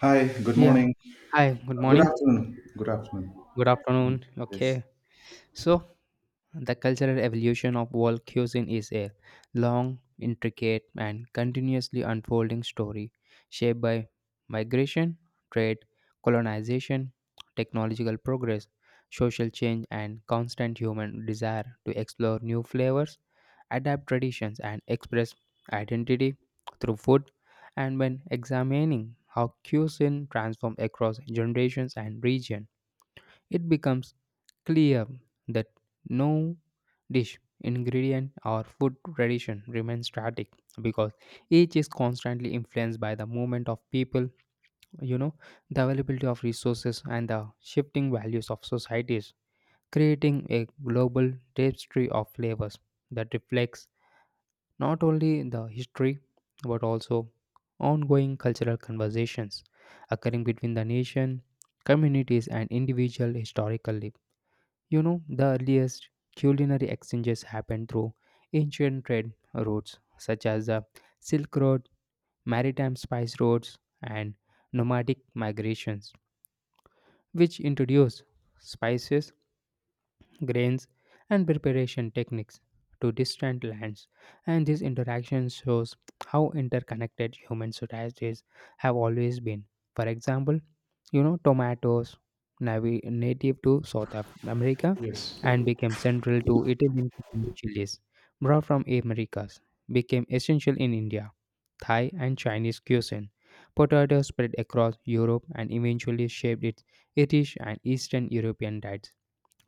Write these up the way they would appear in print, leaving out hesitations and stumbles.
Hi, good Yeah. morning. Hi. Good Good morning. afternoon. Good afternoon. Good afternoon. Yes. Okay. So, the cultural evolution of world cuisine is a long, intricate, and continuously unfolding story shaped by migration, trade, colonization, technological progress, social change, and constant human desire to explore new flavors, adapt traditions, and express identity through food. And when examining how cuisine transforms across generations and regions, it becomes clear that no dish, ingredient, or food tradition remains static because each is constantly influenced by the movement of people, you know, the availability of resources, and the shifting values of societies, creating a global tapestry of flavors that reflects not only the history but also ongoing cultural conversations occurring between the nation, communities, and individual historically. The earliest culinary exchanges happened through ancient trade routes such as the Silk Road, maritime spice routes, and nomadic migrations, which introduced spices, grains, and preparation techniques to distant lands, and this interaction shows how interconnected human societies have always been. For example, tomatoes, native to America, Yes. and became central to Italian cooking. Chilies brought from Americas became essential in India, Thai, and Chinese cuisine. Potatoes spread across Europe and eventually shaped its British and Eastern European diets,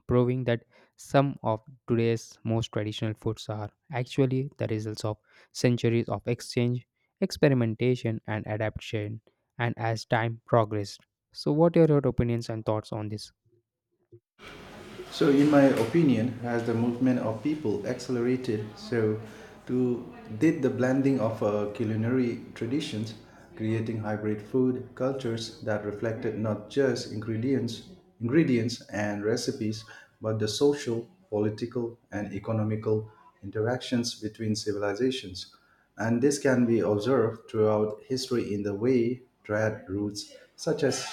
proving that some of today's most traditional foods are actually the results of centuries of exchange, experimentation, and adaptation, and as time progressed. So, what are your opinions and thoughts on this? So, in my opinion, as the movement of people accelerated? So, to did the blending of culinary traditions, creating hybrid food cultures that reflected not just ingredients and recipes, but the social, political, and economical interactions between civilizations. And this can be observed throughout history in the way trade routes, such as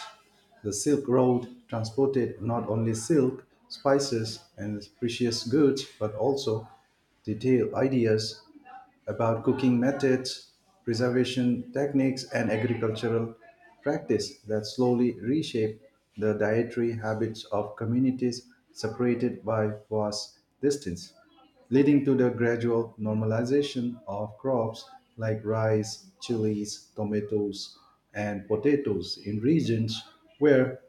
the Silk Road transported not only silk, spices, and precious goods, but also detailed ideas about cooking methods, preservation techniques, and agricultural practice that slowly reshape the dietary habits of communities separated by vast distance, leading to the gradual normalization of crops like rice, chilies, tomatoes, and potatoes in regions where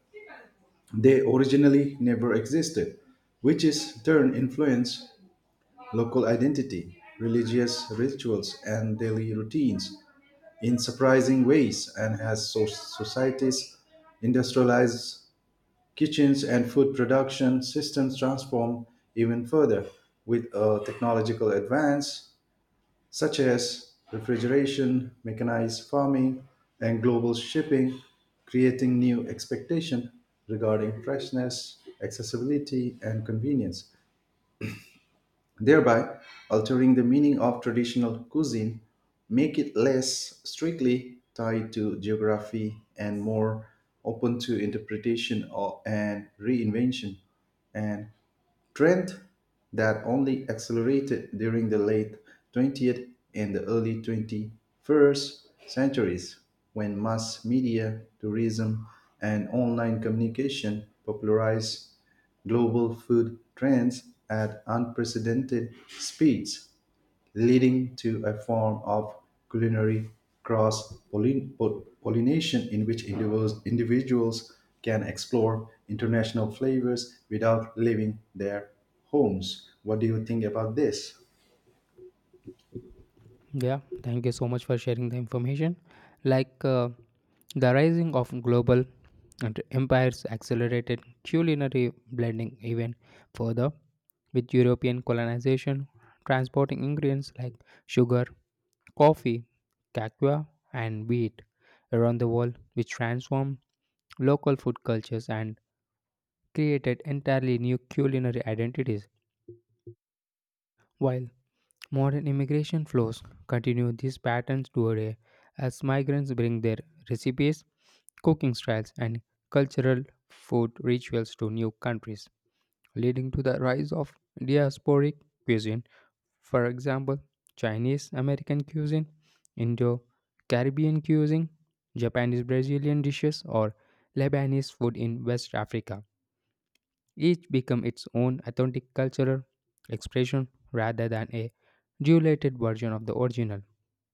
they originally never existed, which is in turn influenced local identity, religious rituals, and daily routines in surprising ways, and as societies industrialize kitchens and food production systems transform even further with a technological advance such as refrigeration, mechanized farming, and global shipping, creating new expectations regarding freshness, accessibility, and convenience thereby altering the meaning of traditional cuisine, make it less strictly tied to geography and more open to interpretation or, and reinvention. And trend that only accelerated during the late 20th and the early 21st centuries when mass media, tourism, and online communication popularized global food trends at unprecedented speeds leading to a form of culinary cross pollination in which individuals can explore international flavors without leaving their homes. What do you think about this? Yeah, thank you so much for sharing the information. Like the rising of global and empires accelerated culinary blending even further with European colonization, transporting ingredients like sugar, coffee, cocoa, and wheat around the world, which transformed local food cultures and created entirely new culinary identities. While modern immigration flows continue these patterns today, as migrants bring their recipes, cooking styles, and cultural food rituals to new countries, leading to the rise of diasporic cuisine. For example, Chinese American cuisine, Indo Caribbean cuisine, Japanese Brazilian dishes, or Lebanese food in West Africa each become its own authentic cultural expression rather than a diluted version of the original.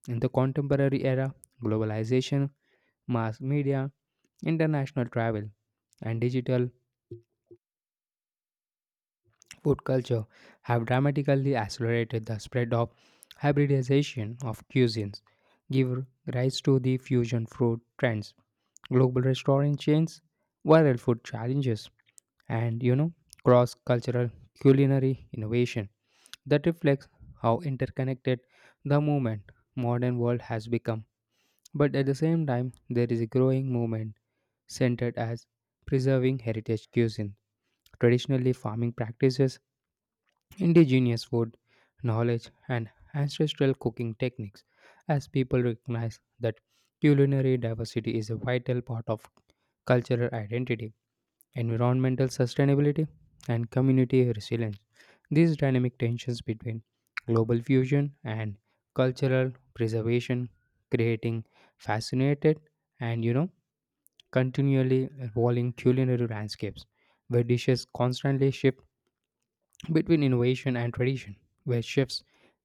In the contemporary era, globalization, mass media, international travel, and digital food culture have dramatically accelerated the spread of hybridization of cuisines, give rise to the fusion food trends, global restaurant chains, viral food challenges, and cross-cultural culinary innovation that reflects how interconnected the movement modern world has become. But at the same time, there is a growing movement centered as preserving heritage cuisine, traditionally farming practices, indigenous food knowledge, and ancestral cooking techniques, as people recognize that culinary diversity is a vital part of cultural identity, environmental sustainability, and community resilience. These dynamic tensions between global fusion and cultural preservation, creating fascinated and continually evolving culinary landscapes where dishes constantly shift between innovation and tradition, where chefs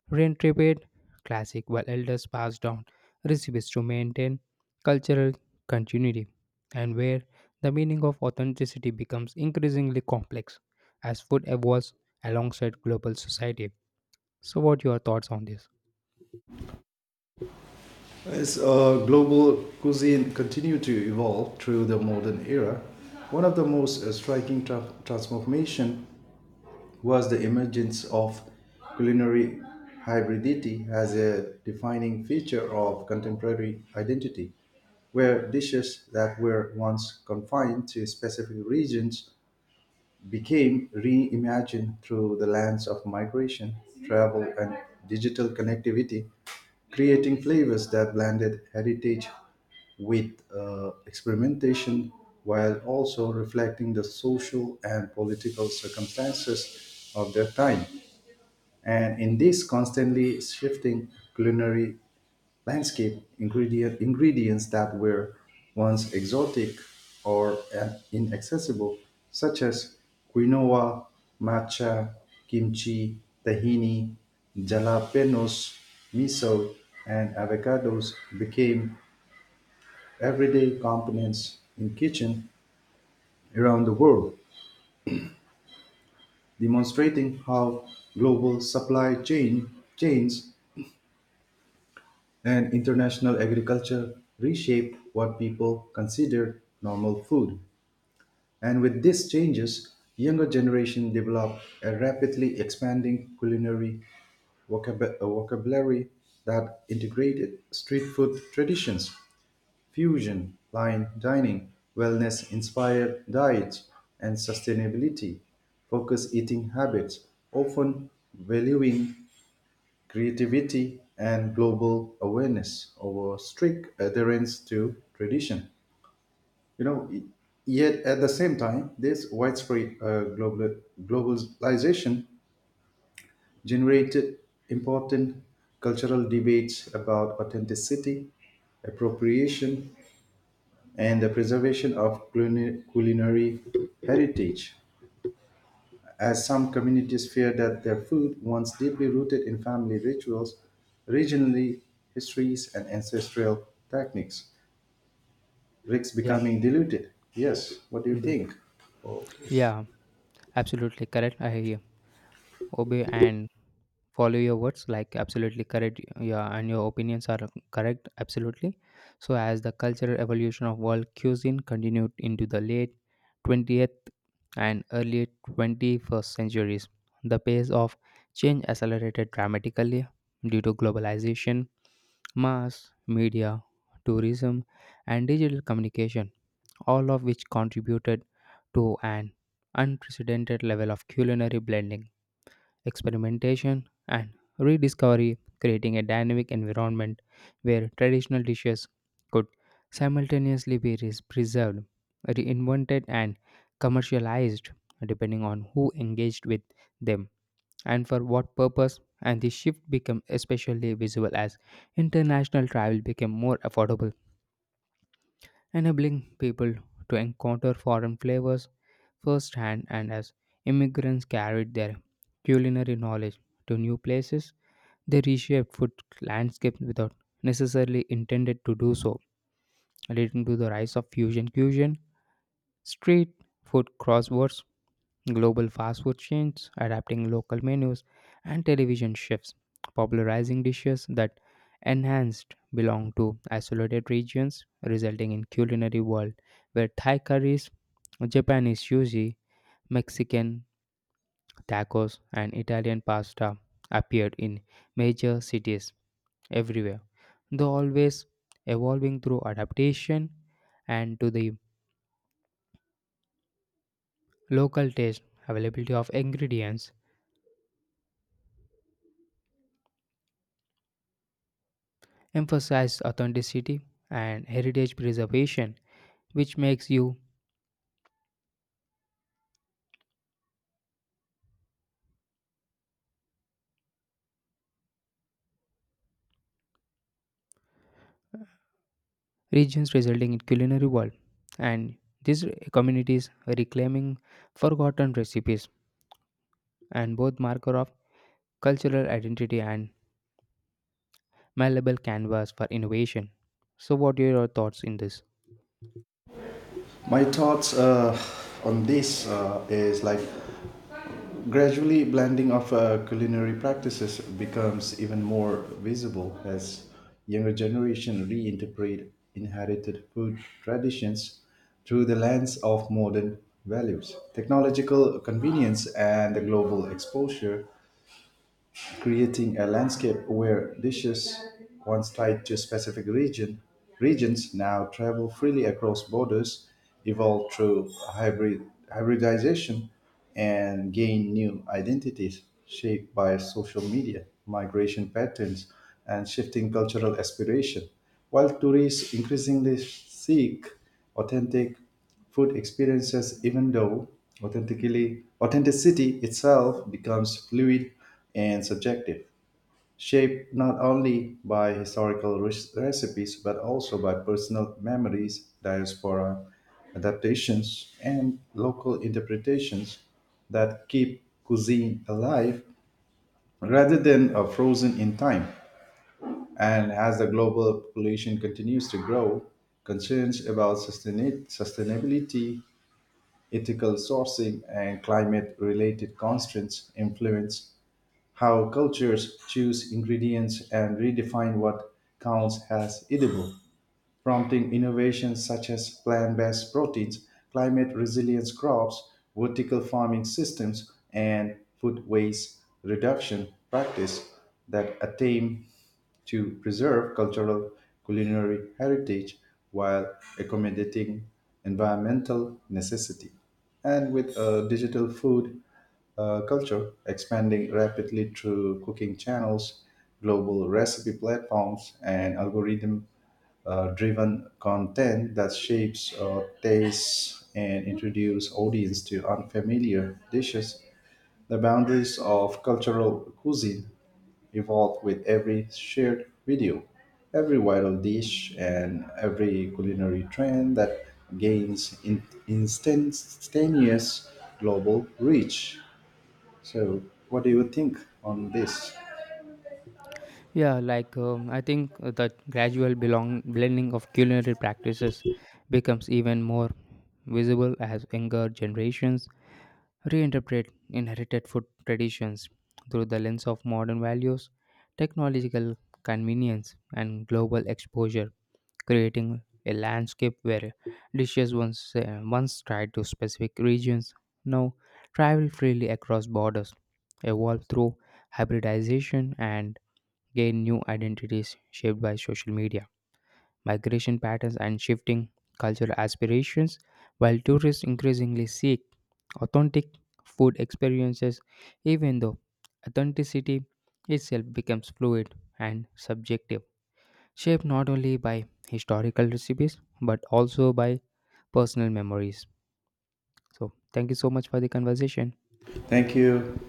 reinterpret classic while elders pass down recipes to maintain cultural continuity, and where the meaning of authenticity becomes increasingly complex as food evolves alongside global society. So, what are your thoughts on this? As global cuisine continued to evolve through the modern era, one of the most striking transformation was the emergence of culinary hybridity as a defining feature of contemporary identity, where dishes that were once confined to specific regions became reimagined through the lens of migration, travel, and digital connectivity, creating flavors that blended heritage with experimentation while also reflecting the social and political circumstances of their time. And in this constantly shifting culinary landscape, ingredients that were once exotic or inaccessible, such as quinoa, matcha, kimchi, tahini, jalapenos, miso, and avocados, became everyday components in kitchen around the world, demonstrating how global supply chain chains and international agriculture reshape what people considered normal food. And with these changes, younger generation develop a rapidly expanding culinary vocabulary that integrated street food traditions, fusion, line dining, wellness-inspired diets, and sustainability focused eating habits, often valuing creativity, and global awareness over strict adherence to tradition. You know, y- yet at the same time, this widespread globalization generated important cultural debates about authenticity, appropriation, and the preservation of culinary heritage, as some communities fear that their food, once deeply rooted in family rituals, regionally histories, and ancestral techniques, risks Yeah, becoming diluted. Yes, what do you mhm. think? Okay. Yeah, absolutely correct. I hear Obe and follow your words like absolutely correct. Yeah, and your opinions are correct absolutely. So, as the cultural evolution of world cuisine continued into the late 20th and early 21st centuries, the pace of change accelerated dramatically due to globalization, mass media, tourism, and digital communication, all of which contributed to an unprecedented level of culinary blending, experimentation, and rediscovery, creating a dynamic environment where traditional dishes could simultaneously be preserved, reinvented, and commercialized depending on who engaged with them and for what purpose. And the shift became especially visible as international travel became more affordable, enabling people to encounter foreign flavors firsthand. And as immigrants carried their culinary knowledge to new places, they reshaped food landscapes without necessarily intended to do so, leading to the rise of fusion cuisine, street food, crosswords, global fast food chains adapting local menus, and television chefs popularizing dishes that enhanced belong to isolated regions, resulting in culinary world where Thai curries, Japanese sushi, Mexican tacos, and Italian pasta appeared in major cities everywhere, though always evolving through adaptation and to the local taste, availability of ingredients, emphasized authenticity and heritage preservation, which makes you regions resulting in culinary world. And these communities reclaiming forgotten recipes and both marker of cultural identity and malleable canvas for innovation. So, what are your thoughts in this? My thoughts on this is like gradually, blending of culinary practices becomes even more visible as younger generation reinterpret inherited food traditions through the lens of modern values, technological convenience, and the global exposure creating a landscape where dishes once tied to specific region regions now travel freely across borders, evolve through hybridization, and gain new identities shaped by social media, migration patterns, and shifting cultural aspiration. While tourists increasingly seek authentic food experiences even though authentically authenticity itself becomes fluid and subjective shaped not only by recipes but also by personal memories diaspora adaptations and local interpretations that keep cuisine alive rather than frozen in time and as the global population continues to grow concerns about sustainability ethical sourcing, and climate related constraints influence how cultures choose ingredients and redefine what counts as edible, prompting innovations such as plant based proteins, climate resilience crops, vertical farming systems, and food waste reduction practice that attain to preserve cultural culinary heritage while accommodating environmental necessity. And with digital food culture, expanding rapidly through cooking channels, global recipe platforms, and algorithm driven content that shapes tastes and introduce audience to unfamiliar dishes. The boundaries of cultural cuisine evolve with every shared video, every viral dish, and every culinary trend that gains instantaneous global reach. So, what do you think on this? Yeah, like I think the gradual belong blending of culinary practices becomes even more visible as younger generations reinterpret inherited food traditions through the lens of modern values, technological convenience, and global exposure, creating a landscape where dishes once, once tied to specific regions, now travel freely across borders, evolve through hybridization, and gain new identities shaped by social media, migration patterns, and shifting cultural aspirations, while tourists increasingly seek authentic food experiences, even though authenticity itself becomes fluid and subjective, shaped not only by historical recipes but also by personal memories. So, thank you so much for the conversation. Thank you.